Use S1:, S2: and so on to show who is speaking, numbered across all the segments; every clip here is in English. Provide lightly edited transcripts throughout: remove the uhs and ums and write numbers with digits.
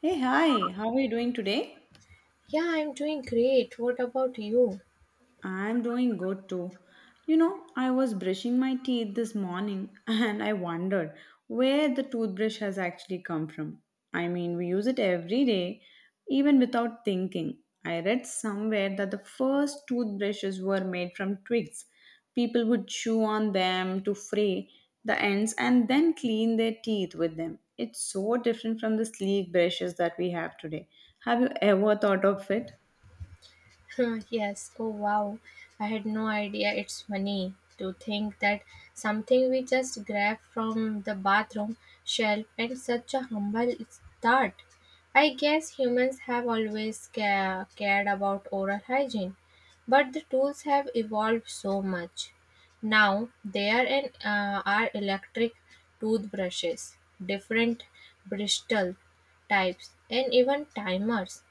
S1: Hey, hi, how are you doing today?
S2: Yeah, I'm doing great. What about you?
S1: I'm doing good too. You know, I was brushing my teeth this morning and I wondered where the toothbrush has actually come from. I mean, we use it every day, even without thinking. I read somewhere that the first toothbrushes were made from twigs. People would chew on them to fray the ends and then clean their teeth with them. It's so different from the sleek brushes that we have today. Have you ever thought of it?
S2: Yes. Oh wow. I had no idea. It's funny to think that something we just grab from the bathroom shelf and such a humble start. I guess humans have always cared about oral hygiene, but the tools have evolved so much. Now there and are electric toothbrushes, different bristle types, and even timers.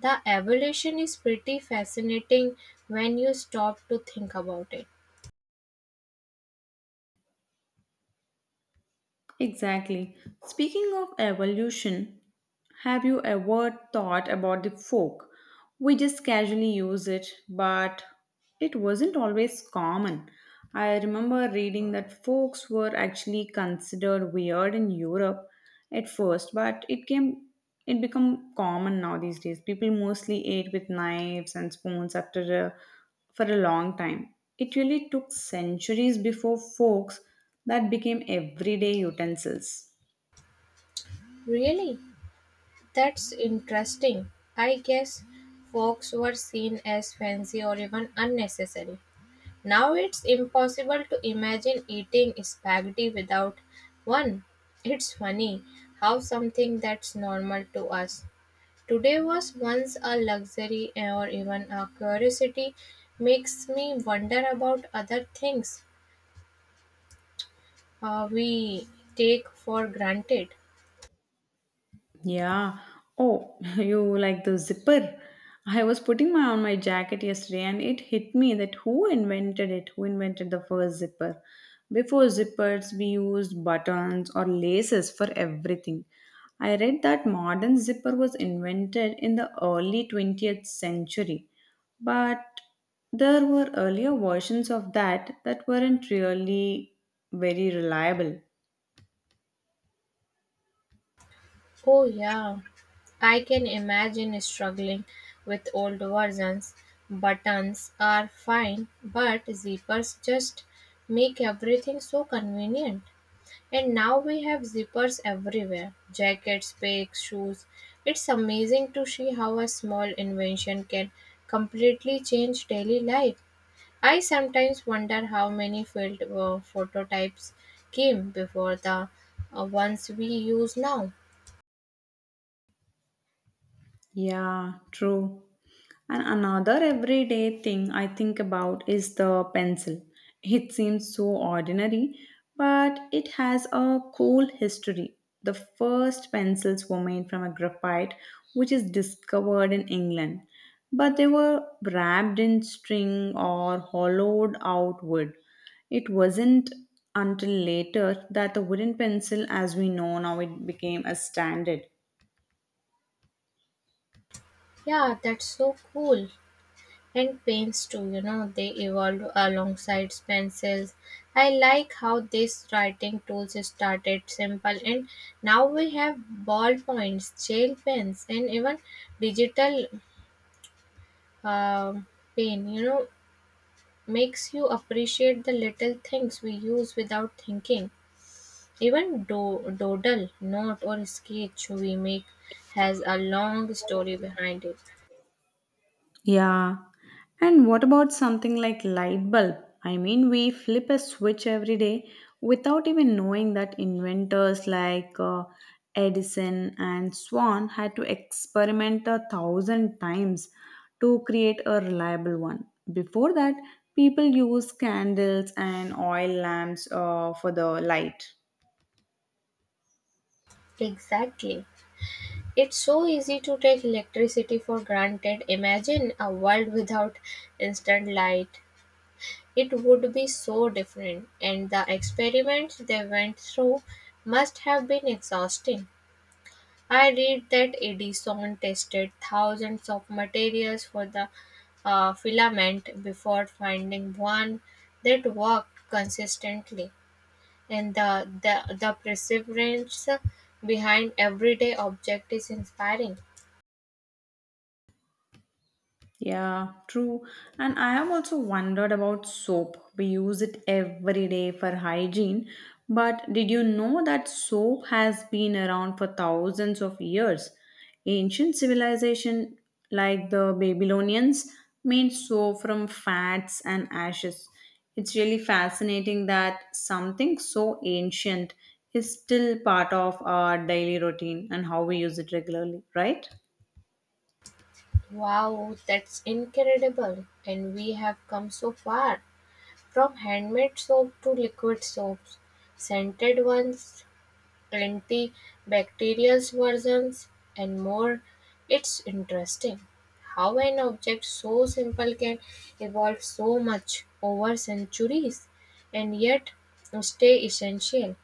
S2: The evolution is pretty fascinating when you stop to think about it.
S1: Exactly. Speaking of evolution, have you ever thought about the fork? We just casually use it, but it wasn't always common. I remember reading that forks were actually considered weird in Europe at first, but it become common now these days. People mostly ate with knives and spoons for a long time. It really took centuries before forks that became everyday utensils.
S2: Really? That's interesting. I guess folks were seen as fancy or even unnecessary. Now it's impossible to imagine eating spaghetti without one. It's funny how something that's normal to us today was once a luxury or even a curiosity makes me wonder about other things we take for granted.
S1: Yeah. Oh, you like the zipper? I was putting my on my jacket yesterday and it hit me that who invented it? Who invented the first zipper? Before zippers, we used buttons or laces for everything. I read that modern zipper was invented in the early 20th century, but there were earlier versions of that that weren't really very reliable.
S2: Oh, yeah, I can imagine struggling with old versions. Buttons are fine, but zippers just make everything so convenient. And now we have zippers everywhere jackets, bags, shoes. It's amazing to see how a small invention can completely change daily life. I sometimes wonder how many field prototypes came before the ones we use now.
S1: Yeah, true. And another everyday thing I think about is the pencil. It seems so ordinary, but it has a cool history. The first pencils were made from a graphite, which is discovered in England, but they were wrapped in string or hollowed out wood. It wasn't until later that the wooden pencil, as we know now, it became a standard.
S2: Yeah, that's so cool. And paints too, you know, they evolved alongside pencils. I like how these writing tools started simple and now we have ballpoints, gel pens, and even digital uh, pen, you know, makes you appreciate the little things we use without thinking. Even doodle, note, or sketch we make has a long story behind it.
S1: Yeah. And what about something like light bulb? I mean, we flip a switch every day without even knowing that inventors like Edison and Swan had to experiment a thousand times to create a reliable one. Before that, people used candles and oil lamps for the light.
S2: Exactly. It's so easy to take electricity for granted. Imagine a world without instant light. It would be so different, and the experiments they went through must have been exhausting. I read that Edison tested thousands of materials for the filament before finding one that worked consistently. And the perseverance behind everyday object is inspiring.
S1: Yeah, true. And I have also wondered about soap. We use it every day for hygiene. But did you know that soap has been around for thousands of years? Ancient civilization like the Babylonians made soap from fats and ashes. It's really fascinating that something so ancient is still part of our daily routine and how we use it regularly, right?
S2: Wow, that's incredible! And we have come so far from handmade soap to liquid soaps, scented ones, Twenty bacterial versions, and more. It's interesting how an object so simple can evolve so much over centuries and yet stay essential.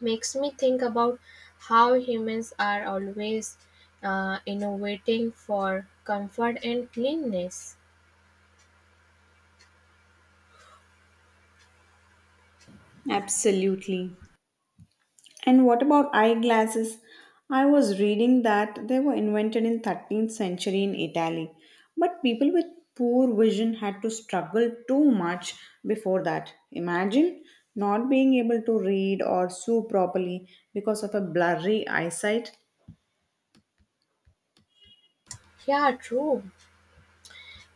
S2: Makes me think about how humans are always innovating for comfort and cleanness.
S1: Absolutely. And what about eyeglasses? I was reading that they were invented in 13th century in Italy, but people with poor vision had to struggle too much before that. Imagine not being able to read or sew properly because of a blurry eyesight.
S2: Yeah, true.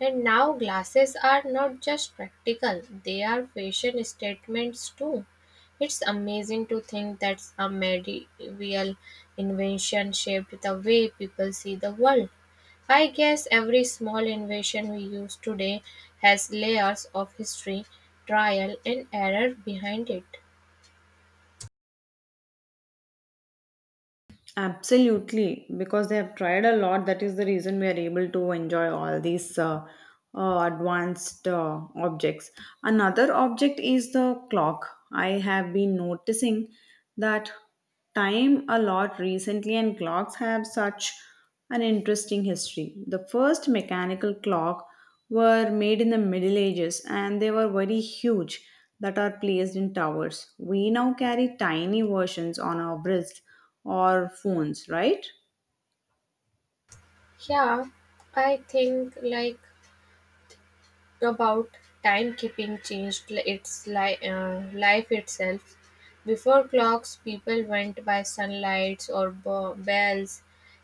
S2: And now glasses are not just practical, they are fashion statements too. It's amazing to think that a medieval invention shaped the way people see the world. I guess every small invention we use today has layers of history, trial, and error behind it.
S1: Absolutely, because they have tried a lot. That is the reason we are able to enjoy all these advanced objects. Another object is the clock. I have been noticing that time a lot recently, and clocks have such an interesting history. The first mechanical clock were made in the Middle Ages, and they were very huge that are placed in towers. We now carry tiny versions on our wrists or phones, right?
S2: Yeah, I think like about timekeeping changed life itself. Before clocks, people went by sunlights or bells.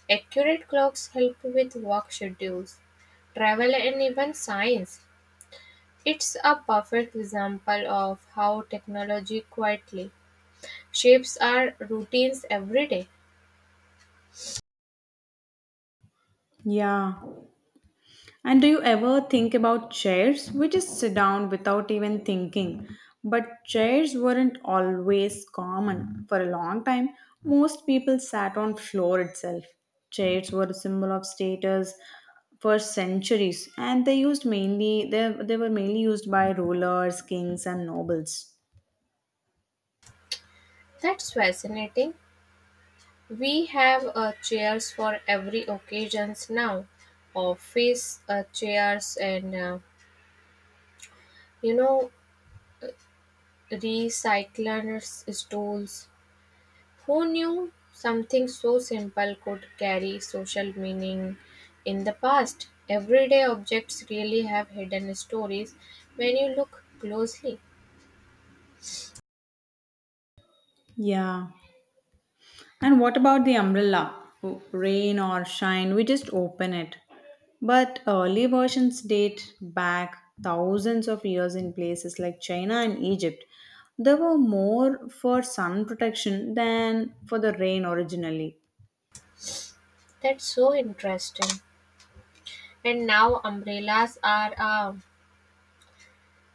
S2: Accurate clocks help with work schedules, travel, and even science. It's a perfect example of how technology quietly shapes our routines every day.
S1: Yeah. And do you ever think about chairs? We just sit down without even thinking. But chairs weren't always common. For a long time, most people sat on floor itself. Chairs were a symbol of status for centuries and they used mainly they were mainly used by rulers, kings and nobles.
S2: That's fascinating. We have chairs for every occasions now, office chairs and you know recyclers stools. Who knew something so simple could carry social meaning in the past? Everyday objects really have hidden stories when you look closely.
S1: Yeah. And what about the umbrella? Rain or shine, we just open it. But early versions date back thousands of years in places like China and Egypt. They were more for sun protection than for the rain originally.
S2: That's so interesting. And now umbrellas are a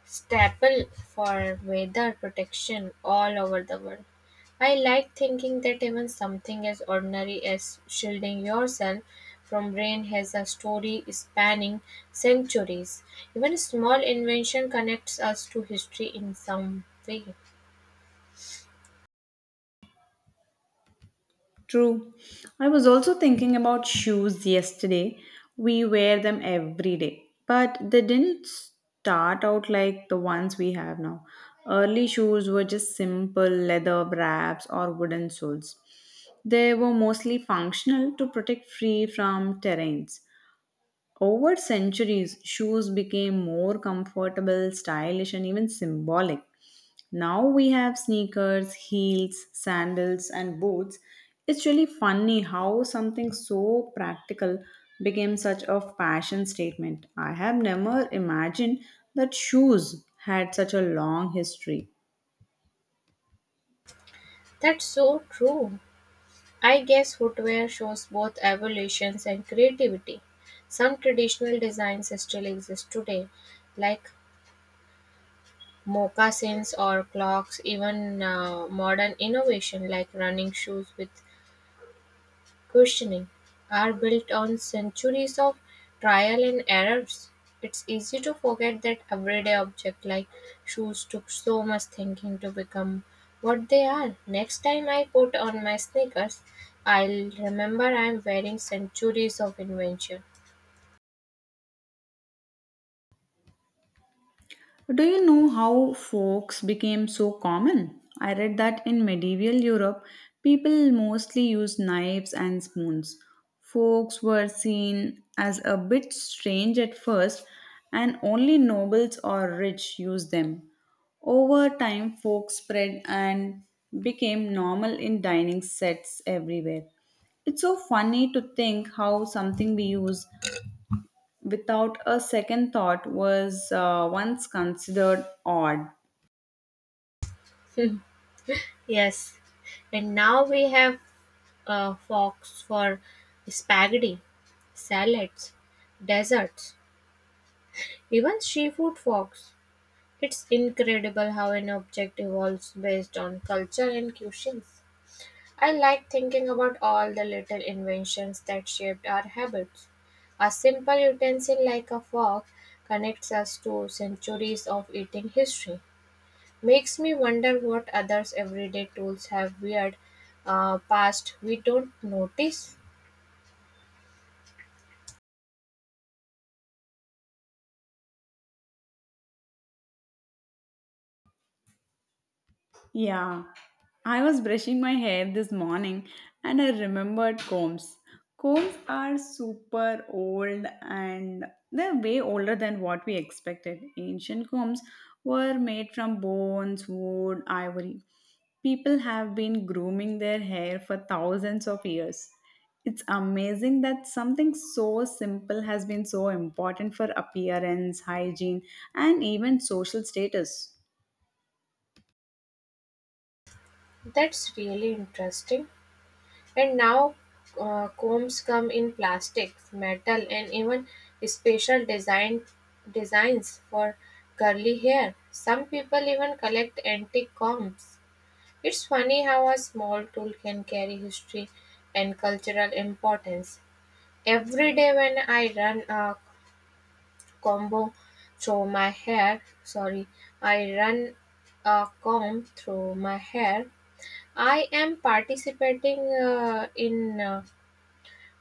S2: staple for weather protection all over the world. I like thinking that even something as ordinary as shielding yourself from rain has a story spanning centuries. Even a small invention connects us to history in some way.
S1: True. I was also thinking about shoes yesterday. We wear them every day, but they didn't start out like the ones we have now. Early shoes were just simple leather wraps or wooden soles. They were mostly functional to protect free from terrains. Over centuries, shoes became more comfortable, stylish, and even symbolic. Now we have sneakers, heels, sandals, and boots. It's really funny how something so practical became such a fashion statement. I have never imagined that shoes had such a long history.
S2: That's so true. I guess footwear shows both evolutions and creativity. Some traditional designs still exist today, like moccasins or clocks, even modern innovation like running shoes with cushioning are built on centuries of trial and errors. It's easy to forget that everyday objects like shoes took so much thinking to become what they are. Next time I put on my sneakers, I'll remember I'm wearing centuries of invention.
S1: Do you know how forks became so common? I read that in medieval Europe, people mostly used knives and spoons. Forks were seen as a bit strange at first, and only nobles or rich used them. Over time, forks spread and became normal in dining sets everywhere. It's so funny to think how something we use without a second thought was once considered odd.
S2: Yes, and now we have forks for spaghetti salads, desserts, even seafood forks. It's incredible how an object evolves based on culture and cuisines. I like thinking about all the little inventions that shaped our habits. A simple utensil like a fork connects us to centuries of eating history. Makes me wonder what others' everyday tools have weird past we don't notice.
S1: Yeah, I was brushing my hair this morning and I remembered combs. Combs are super old and they're way older than what we expected. Ancient combs were made from bones, wood, ivory. People have been grooming their hair for thousands of years. It's amazing that something so simple has been so important for appearance, hygiene, and even social status.
S2: That's really interesting. And now combs come in plastic, metal, and even special designs for curly hair. Some people even collect antique combs. It's funny how a small tool can carry history and cultural importance. Every day when I run a combo through my hair, sorry, I run a comb through my hair, I am participating in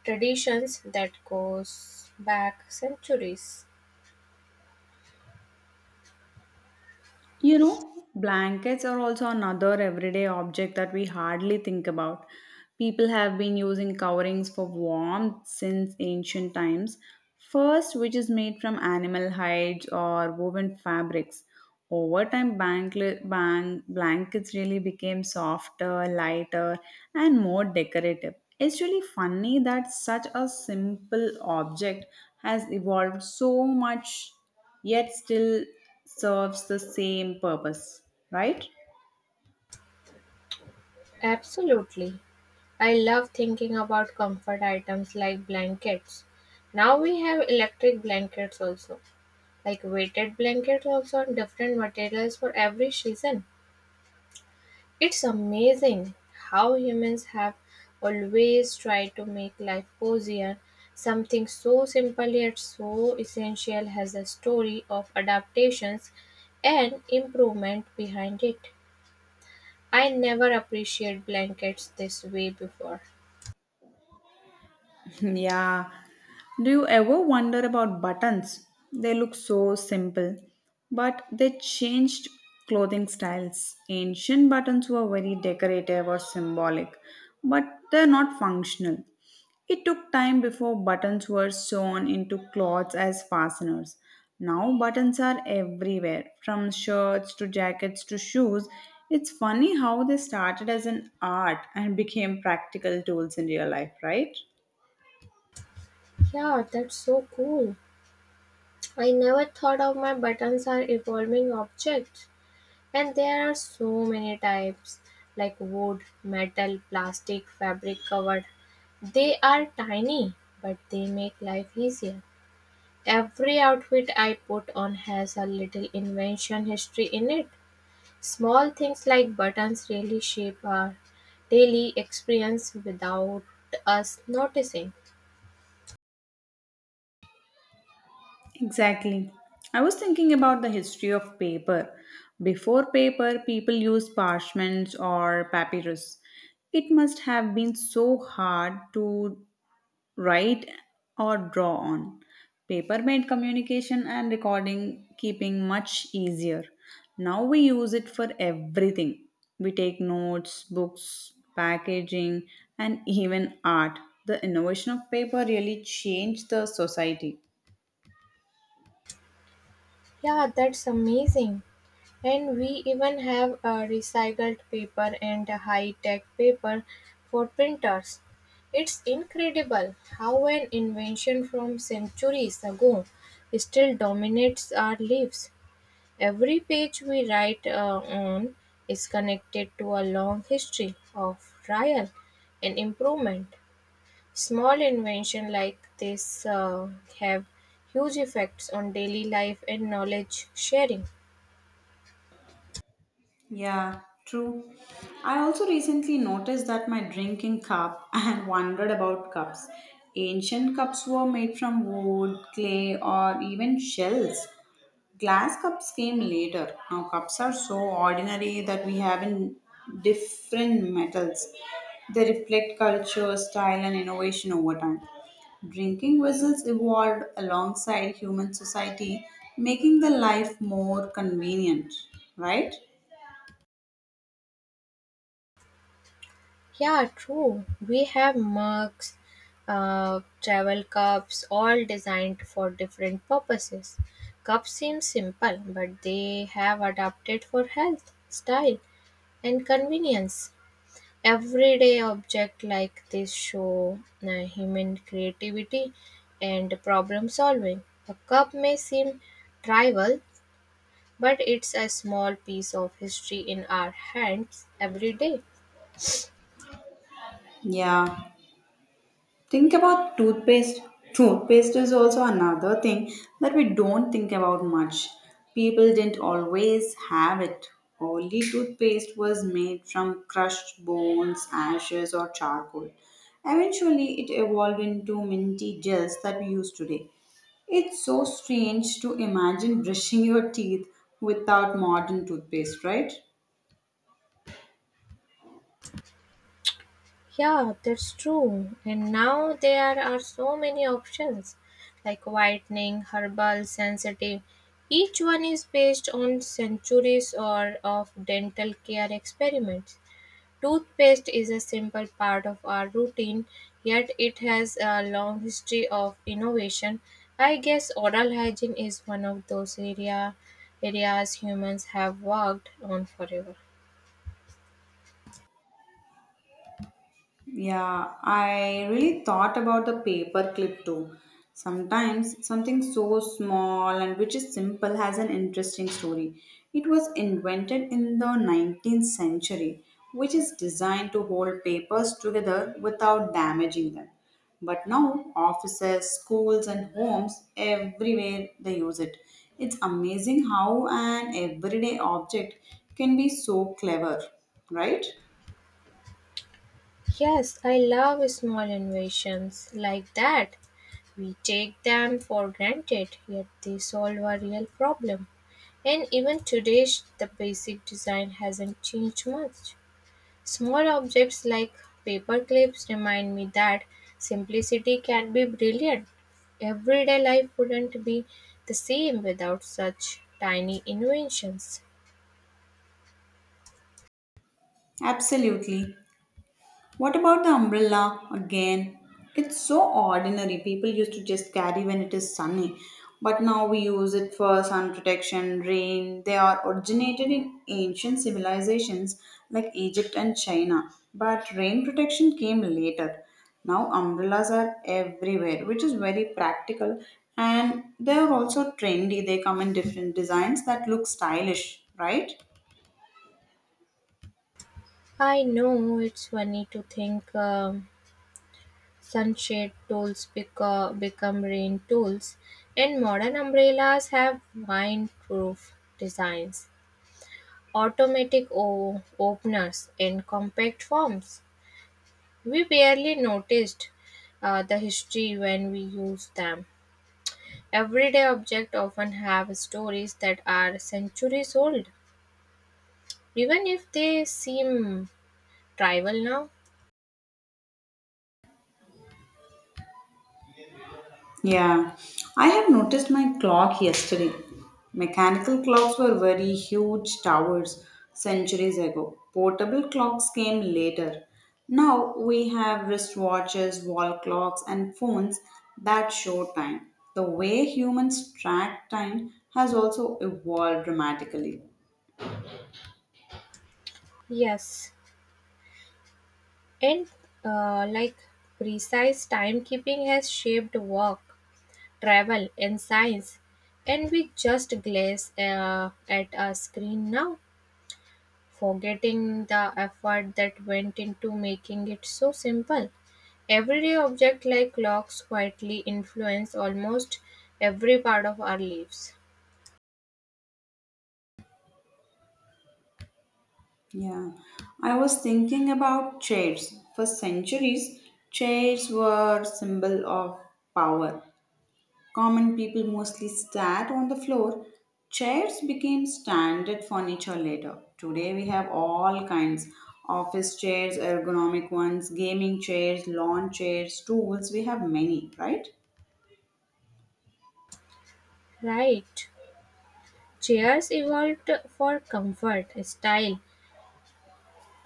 S2: Traditions that goes back centuries.
S1: You know, blankets are also another everyday object that we hardly think about. People have been using coverings for warmth since ancient times. First, which is made from animal hides or woven fabrics. Over time, blankets really became softer, lighter, and more decorative. It's really funny that such a simple object has evolved so much, yet still serves the same purpose, right?
S2: Absolutely. I love thinking about comfort items like blankets. Now we have electric blankets also, like weighted blankets also and different materials for every season. It's amazing how humans have always tried to make life cozier. Something so simple yet so essential has a story of adaptations and improvement behind it. I never appreciate blankets this way before.
S1: Yeah. Do you ever wonder about buttons? They look so simple, but they changed clothing styles. Ancient buttons were very decorative or symbolic, but they're not functional. It took time before buttons were sewn into cloths as fasteners. Now buttons are everywhere, from shirts to jackets to shoes. It's funny how they started as an art and became practical tools in real life, right?
S2: Yeah, that's so cool. I never thought of my buttons are evolving objects. And there are so many types like wood, metal, plastic, fabric covered. They are tiny, but they make life easier. Every outfit I put on has a little invention history in it. Small things like buttons really shape our daily experience without us noticing.
S1: Exactly. I was thinking about the history of paper. Before paper, people used parchments or papyrus. It must have been so hard to write or draw on. Paper made communication and recording keeping much easier. Now we use it for everything. We take notes, books, packaging, and even art. The innovation of paper really changed the society.
S2: Yeah, that's amazing. And we even have recycled paper and high tech paper for printers. It's incredible how an invention from centuries ago still dominates our lives. Every page we write on is connected to a long history of trial and improvement. Small invention like this have huge effects on daily life and knowledge sharing.
S1: Yeah, true. I also recently noticed that my drinking cup and wondered about cups. Ancient cups were made from wood, clay, or even shells. Glass cups came later. Now, cups are so ordinary that we have in different metals. They reflect culture, style, and innovation over time. Drinking vessels evolved alongside human society, making the life more convenient, right?
S2: Yeah, true. We have mugs, travel cups, all designed for different purposes. Cups seem simple, but they have adapted for health, style, and convenience. Everyday object like this show human creativity and problem solving. A cup may seem trivial, but it's a small piece of history in our hands every day.
S1: Yeah. Think about toothpaste. Toothpaste is also another thing that we don't think about much. People didn't always have it. Only toothpaste was made from crushed bones, ashes, or charcoal. Eventually, it evolved into minty gels that we use today. It's so strange to imagine brushing your teeth without modern toothpaste, right?
S2: Yeah, that's true. And now there are so many options like whitening, herbal, sensitive. Each one is based on centuries or of dental care experiments. Toothpaste is a simple part of our routine, yet it has a long history of innovation. I guess oral hygiene is one of those areas humans have worked on forever.
S1: Yeah, I really thought about the paperclip too. Sometimes something so small and which is simple has an interesting story. It was invented in the 19th century, which is designed to hold papers together without damaging them. But now, offices, schools, and homes, everywhere they use it. It's amazing how an everyday object can be so clever, right?
S2: Yes, I love small innovations like that. We take them for granted, yet they solve a real problem. And even today, the basic design hasn't changed much. Small objects like paper clips remind me that simplicity can be brilliant. Everyday life wouldn't be the same without such tiny inventions.
S1: Absolutely. What about the umbrella again? It's so ordinary. People used to just carry when it is sunny, but now we use it for sun protection, rain. They are originated in ancient civilizations like Egypt and China, but rain protection came later. Now umbrellas are everywhere, which is very practical and they are also trendy. They come in different designs that look stylish, right?
S2: I know it's funny to think sunshade tools become rain tools, and modern umbrellas have windproof designs, automatic openers, and compact forms. We barely noticed the history when we used them. Everyday objects often have stories that are centuries old, even if they seem trivial now.
S1: Yeah, I have noticed my clock yesterday. Mechanical clocks were very huge towers centuries ago. Portable clocks came later. Now we have wristwatches, wall clocks, and phones that show time. The way humans track time has also evolved dramatically.
S2: Yes, and like precise timekeeping has shaped work, travel, and science, and we just glaze at a screen now, forgetting the effort that went into making it so simple. Everyday objects like clocks quietly influence almost every part of our lives.
S1: Yeah, I was thinking about chairs. For centuries, chairs were symbol of power. Common people mostly sat on the floor. Chairs became standard furniture later. Today we have all kinds office chairs, ergonomic ones, gaming chairs, lawn chairs, stools. We have many, right?
S2: Right. Chairs evolved for comfort, style.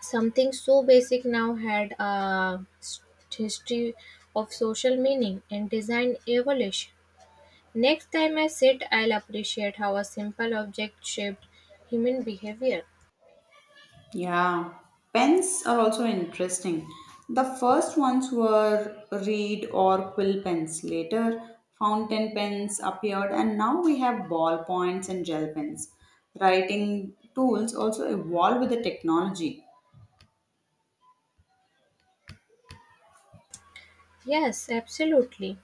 S2: Something so basic now had a history of social meaning and design evolution. Next time I sit, I'll appreciate how a simple object shaped human behavior.
S1: Yeah, pens are also interesting. The first ones were reed or quill pens. Later, fountain pens appeared, and now we have ballpoints and gel pens. Writing tools also evolve with the technology.
S2: Yes, absolutely.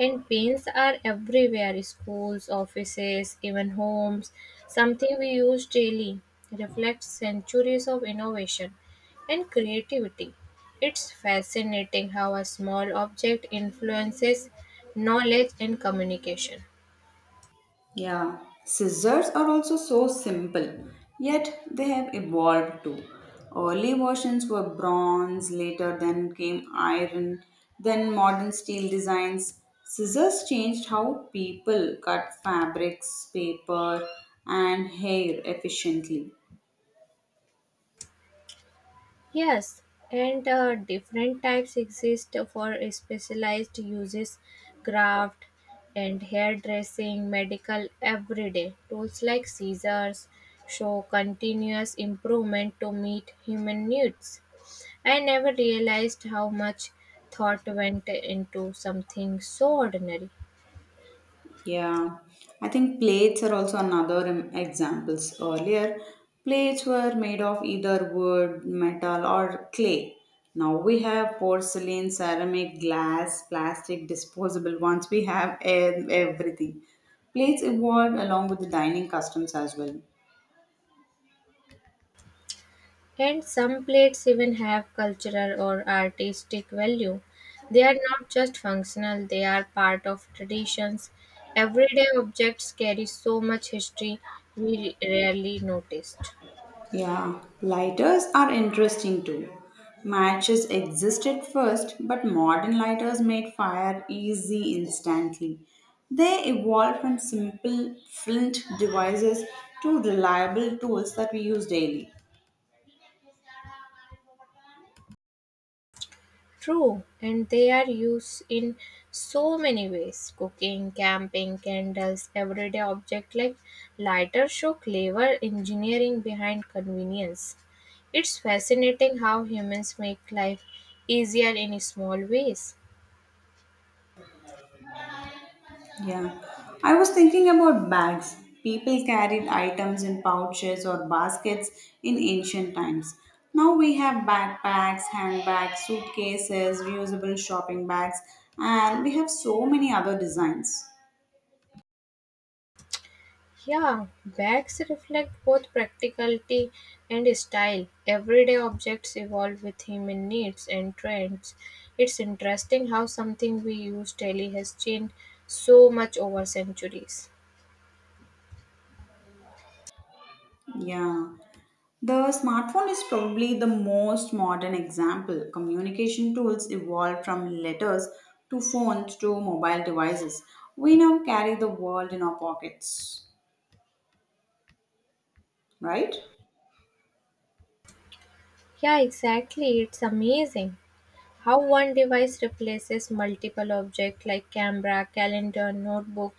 S2: And pins are everywhere schools, offices, even homes. Something we use daily reflects centuries of innovation and creativity. It's fascinating how a small object influences knowledge and communication.
S1: Yeah, scissors are also so simple, yet they have evolved too. Early versions were bronze, later then came iron, then modern steel designs. Scissors changed how people cut fabrics, paper, and hair efficiently.
S2: Yes, and different types exist for specialized uses, craft and hairdressing, medical, everyday. Tools like scissors show continuous improvement to meet human needs. I never realized how much thought went into something so ordinary.
S1: Yeah, I think plates are also another examples. Earlier, plates were made of either wood, metal, or clay. Now we have porcelain, ceramic, glass, plastic, disposable ones. We have everything. Plates evolved along with the dining customs as well.
S2: And some plates even have cultural or artistic value. They are not just functional, they are part of traditions. Everyday objects carry so much history we rarely noticed.
S1: Yeah, lighters are interesting too. Matches existed first, but modern lighters made fire easy instantly. They evolved from simple flint devices to reliable tools that we use daily.
S2: True, and they are used in so many ways cooking, camping, candles, everyday objects like lighter show clever engineering behind convenience. It's fascinating how humans make life easier in small ways.
S1: Yeah, I was thinking about bags. People carried items in pouches or baskets in ancient times. Now we have backpacks, handbags, suitcases, reusable shopping bags, and we have so many other designs.
S2: Yeah, bags reflect both practicality and style. Everyday objects evolve with human needs and trends. It's interesting how something we use daily has changed so much over centuries.
S1: Yeah, the smartphone is probably the most modern example. Communication tools evolved from letters to phones to mobile devices. We now carry the world in our pockets, right?
S2: Yeah, exactly. It's amazing how one device replaces multiple objects like camera, calendar, notebook,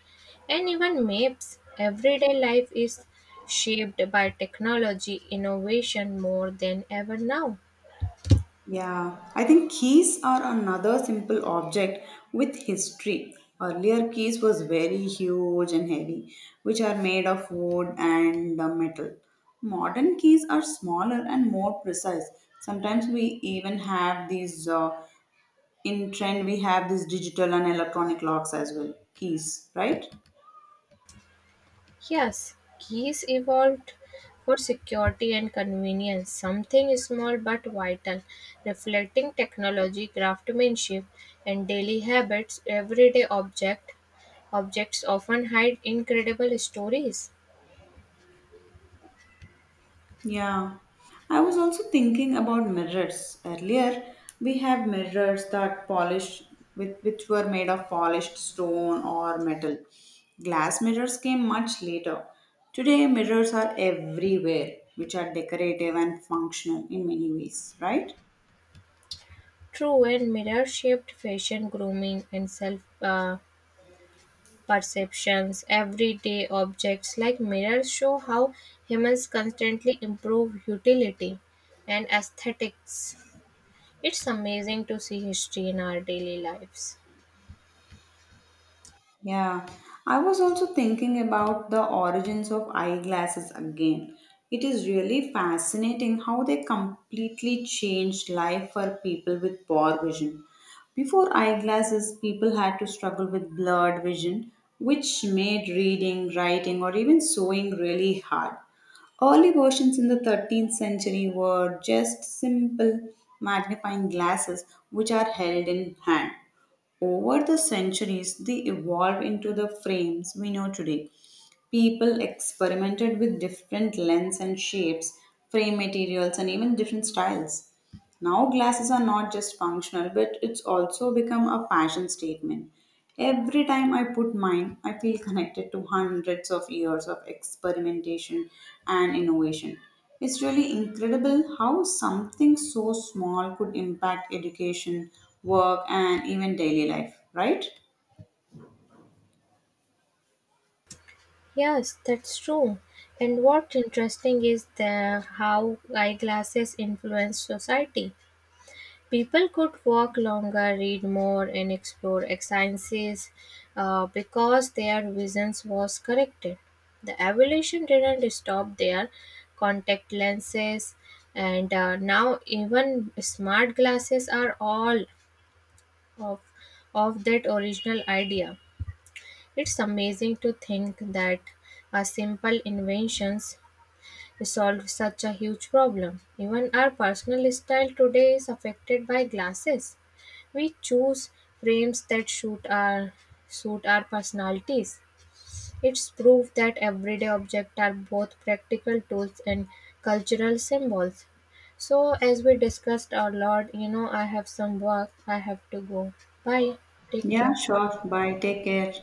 S2: and even maps. Everyday life is shaped by technology innovation more than ever now.
S1: Yeah, I think keys are another simple object with history. Earlier keys was very huge and heavy, which are made of wood and metal. Modern keys are smaller and more precise. Sometimes we even have these in trend. We have these digital and electronic locks as well. Keys, right?
S2: Yes, keys evolved for security and convenience, something small but vital, reflecting technology, craftsmanship, and daily habits. Everyday objects often hide incredible stories.
S1: Yeah, I was also thinking about mirrors. Earlier, we have mirrors that polished with which were made of polished stone or metal. Glass mirrors came much later. Today, mirrors are everywhere, which are decorative and functional in many ways, right?
S2: True and mirror-shaped fashion, grooming, and self perceptions. Everyday objects like mirrors show how humans constantly improve utility and aesthetics. It's amazing to see history in our daily lives.
S1: Yeah, I was also thinking about the origins of eyeglasses again. It is really fascinating how they completely changed life for people with poor vision. Before eyeglasses, people had to struggle with blurred vision, which made reading, writing, or even sewing really hard. Early versions in the 13th century were just simple magnifying glasses which are held in hand. Over the centuries, they evolved into the frames we know today. People experimented with different lengths and shapes, frame materials, and even different styles. Now, glasses are not just functional, but it's also become a fashion statement. Every time I put mine, I feel connected to hundreds of years of experimentation and innovation. It's really incredible how something so small could impact education, work, and even daily life, right?
S2: Yes, that's true. And what's interesting is the how eyeglasses influence society. People could walk longer, read more, and explore sciences because their visions was corrected. The evolution didn't stop there. Contact lenses, and now even smart glasses are all of of that original idea. It's amazing to think that a simple inventions solve such a huge problem. Even our personal style today is affected by glasses. We choose frames that suit our personalities. It's proof that everyday objects are both practical tools and cultural symbols. So as we discussed a lot, you know, I have some work. I have to go. Bye. Take
S1: Yeah,
S2: care.
S1: sure. Bye. Take care.